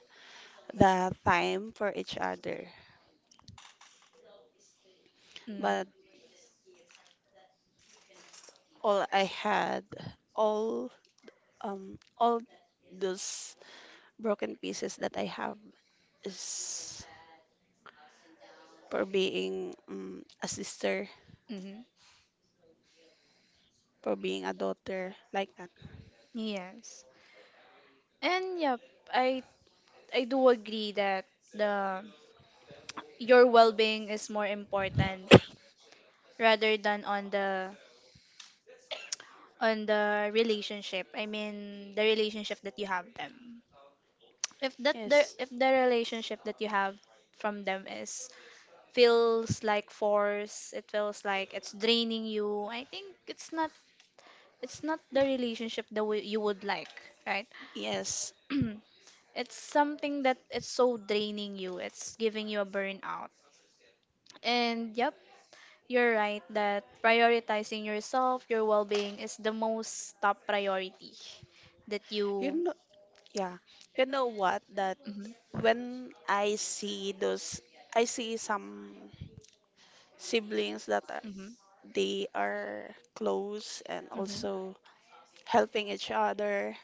C: the time for each other. But
A: Mm-hmm.
C: all I had, all all those broken pieces that I have is for being a sister,
A: Mm-hmm.
C: for being a daughter, like that.
A: Yes. And yep, I I do agree that the your well-being is more important rather than on the relationship. I mean, the relationship that you have them. If that the
C: Yes.
A: if the relationship that you have from them is feels like force, it feels like it's draining you. I think it's not, it's not the relationship that you would like, right?
C: Yes.
A: [clears throat] It's something that it's so draining you. It's giving you a burnout. And yep, you're right that prioritizing yourself, your well being is the most top priority that
C: You
A: you.
C: know, yeah. You know what? The
A: Hmm.
C: When I see those, I see some siblings that are,
A: Hmm.
C: they are close and
A: Hmm.
C: also helping each other.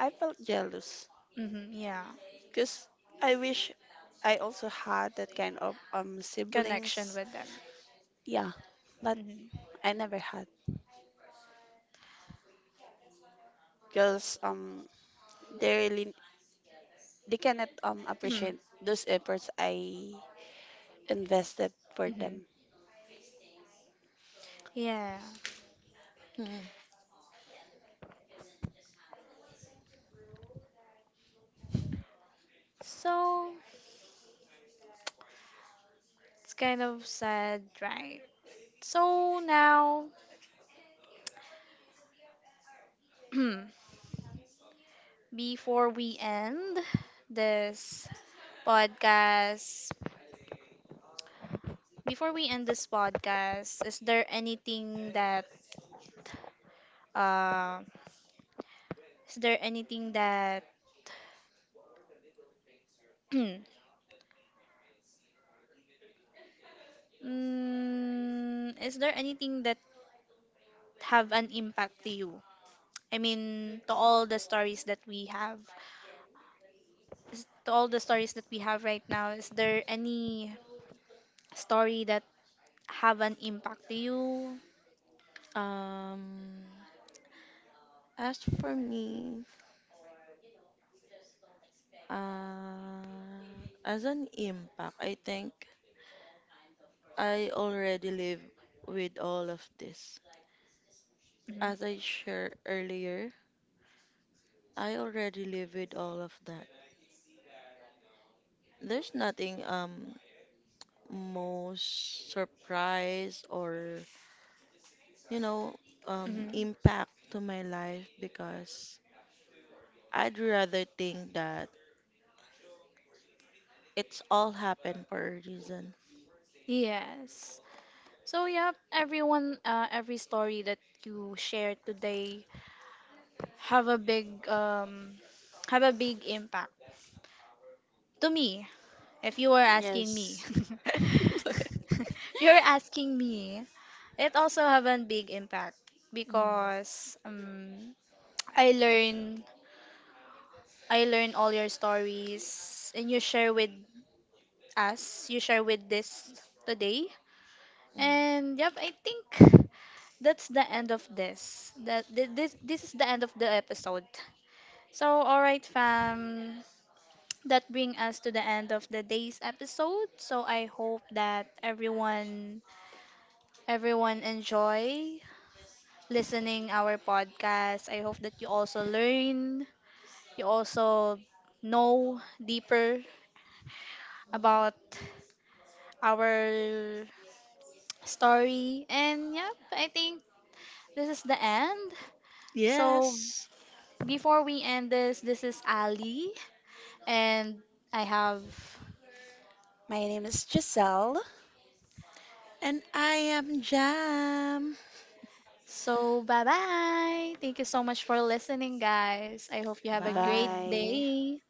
C: I felt jealous
A: Hmm. Yeah,
C: because I wish I also had that kind of
A: connection
C: siblings.
A: with them.
C: Yeah, but
A: Hmm.
C: I never had because they really they cannot appreciate those efforts I invested for
A: [clears throat] Hmm.
C: them.
A: [coughs] Yeah.
B: Hmm.
A: So it's kind of sad, right? So now, [clears throat] before we end this podcast, is there anything that uh? Is there anything that [clears throat] mm, is there anything that have an impact to you? I mean, to all the stories that we have, to all the stories that we have right now, is there any story that have an impact to you?
B: Um, as for me, uh, as an impact, I think I already live with all of this.
A: Mhm,
B: As I shared earlier, I already live with all of that. There's nothing most surprise, or you know,
A: mhm.
B: impact to my life, because I'd rather think that it's all happened for a reason.
A: Yes. So yeah, everyone, every story that you share today have a big um have a big impact to me. If you were asking me,
C: Yes.
A: [laughs] if
C: [laughs]
A: you're asking me, it also have a big impact
B: Mm,
A: because I learn I learn all your stories, and you share with us. You share with this today,
B: mm.
A: and yep, I think that's the end of this. This is the end of the episode. So all right, fam, that bring us to the end of the day's episode. So I hope that everyone, enjoy listening our podcast. I hope that you also learn, you also know deeper about our story. And yep, I think this is the end. So
B: Yes,
A: before we end this, this is Ali and I have
C: My name is Giselle.
B: and I am Jam.
A: so bye bye. Thank you so much for listening guys. I hope you have a great
B: Bye.
C: Bye.
A: day.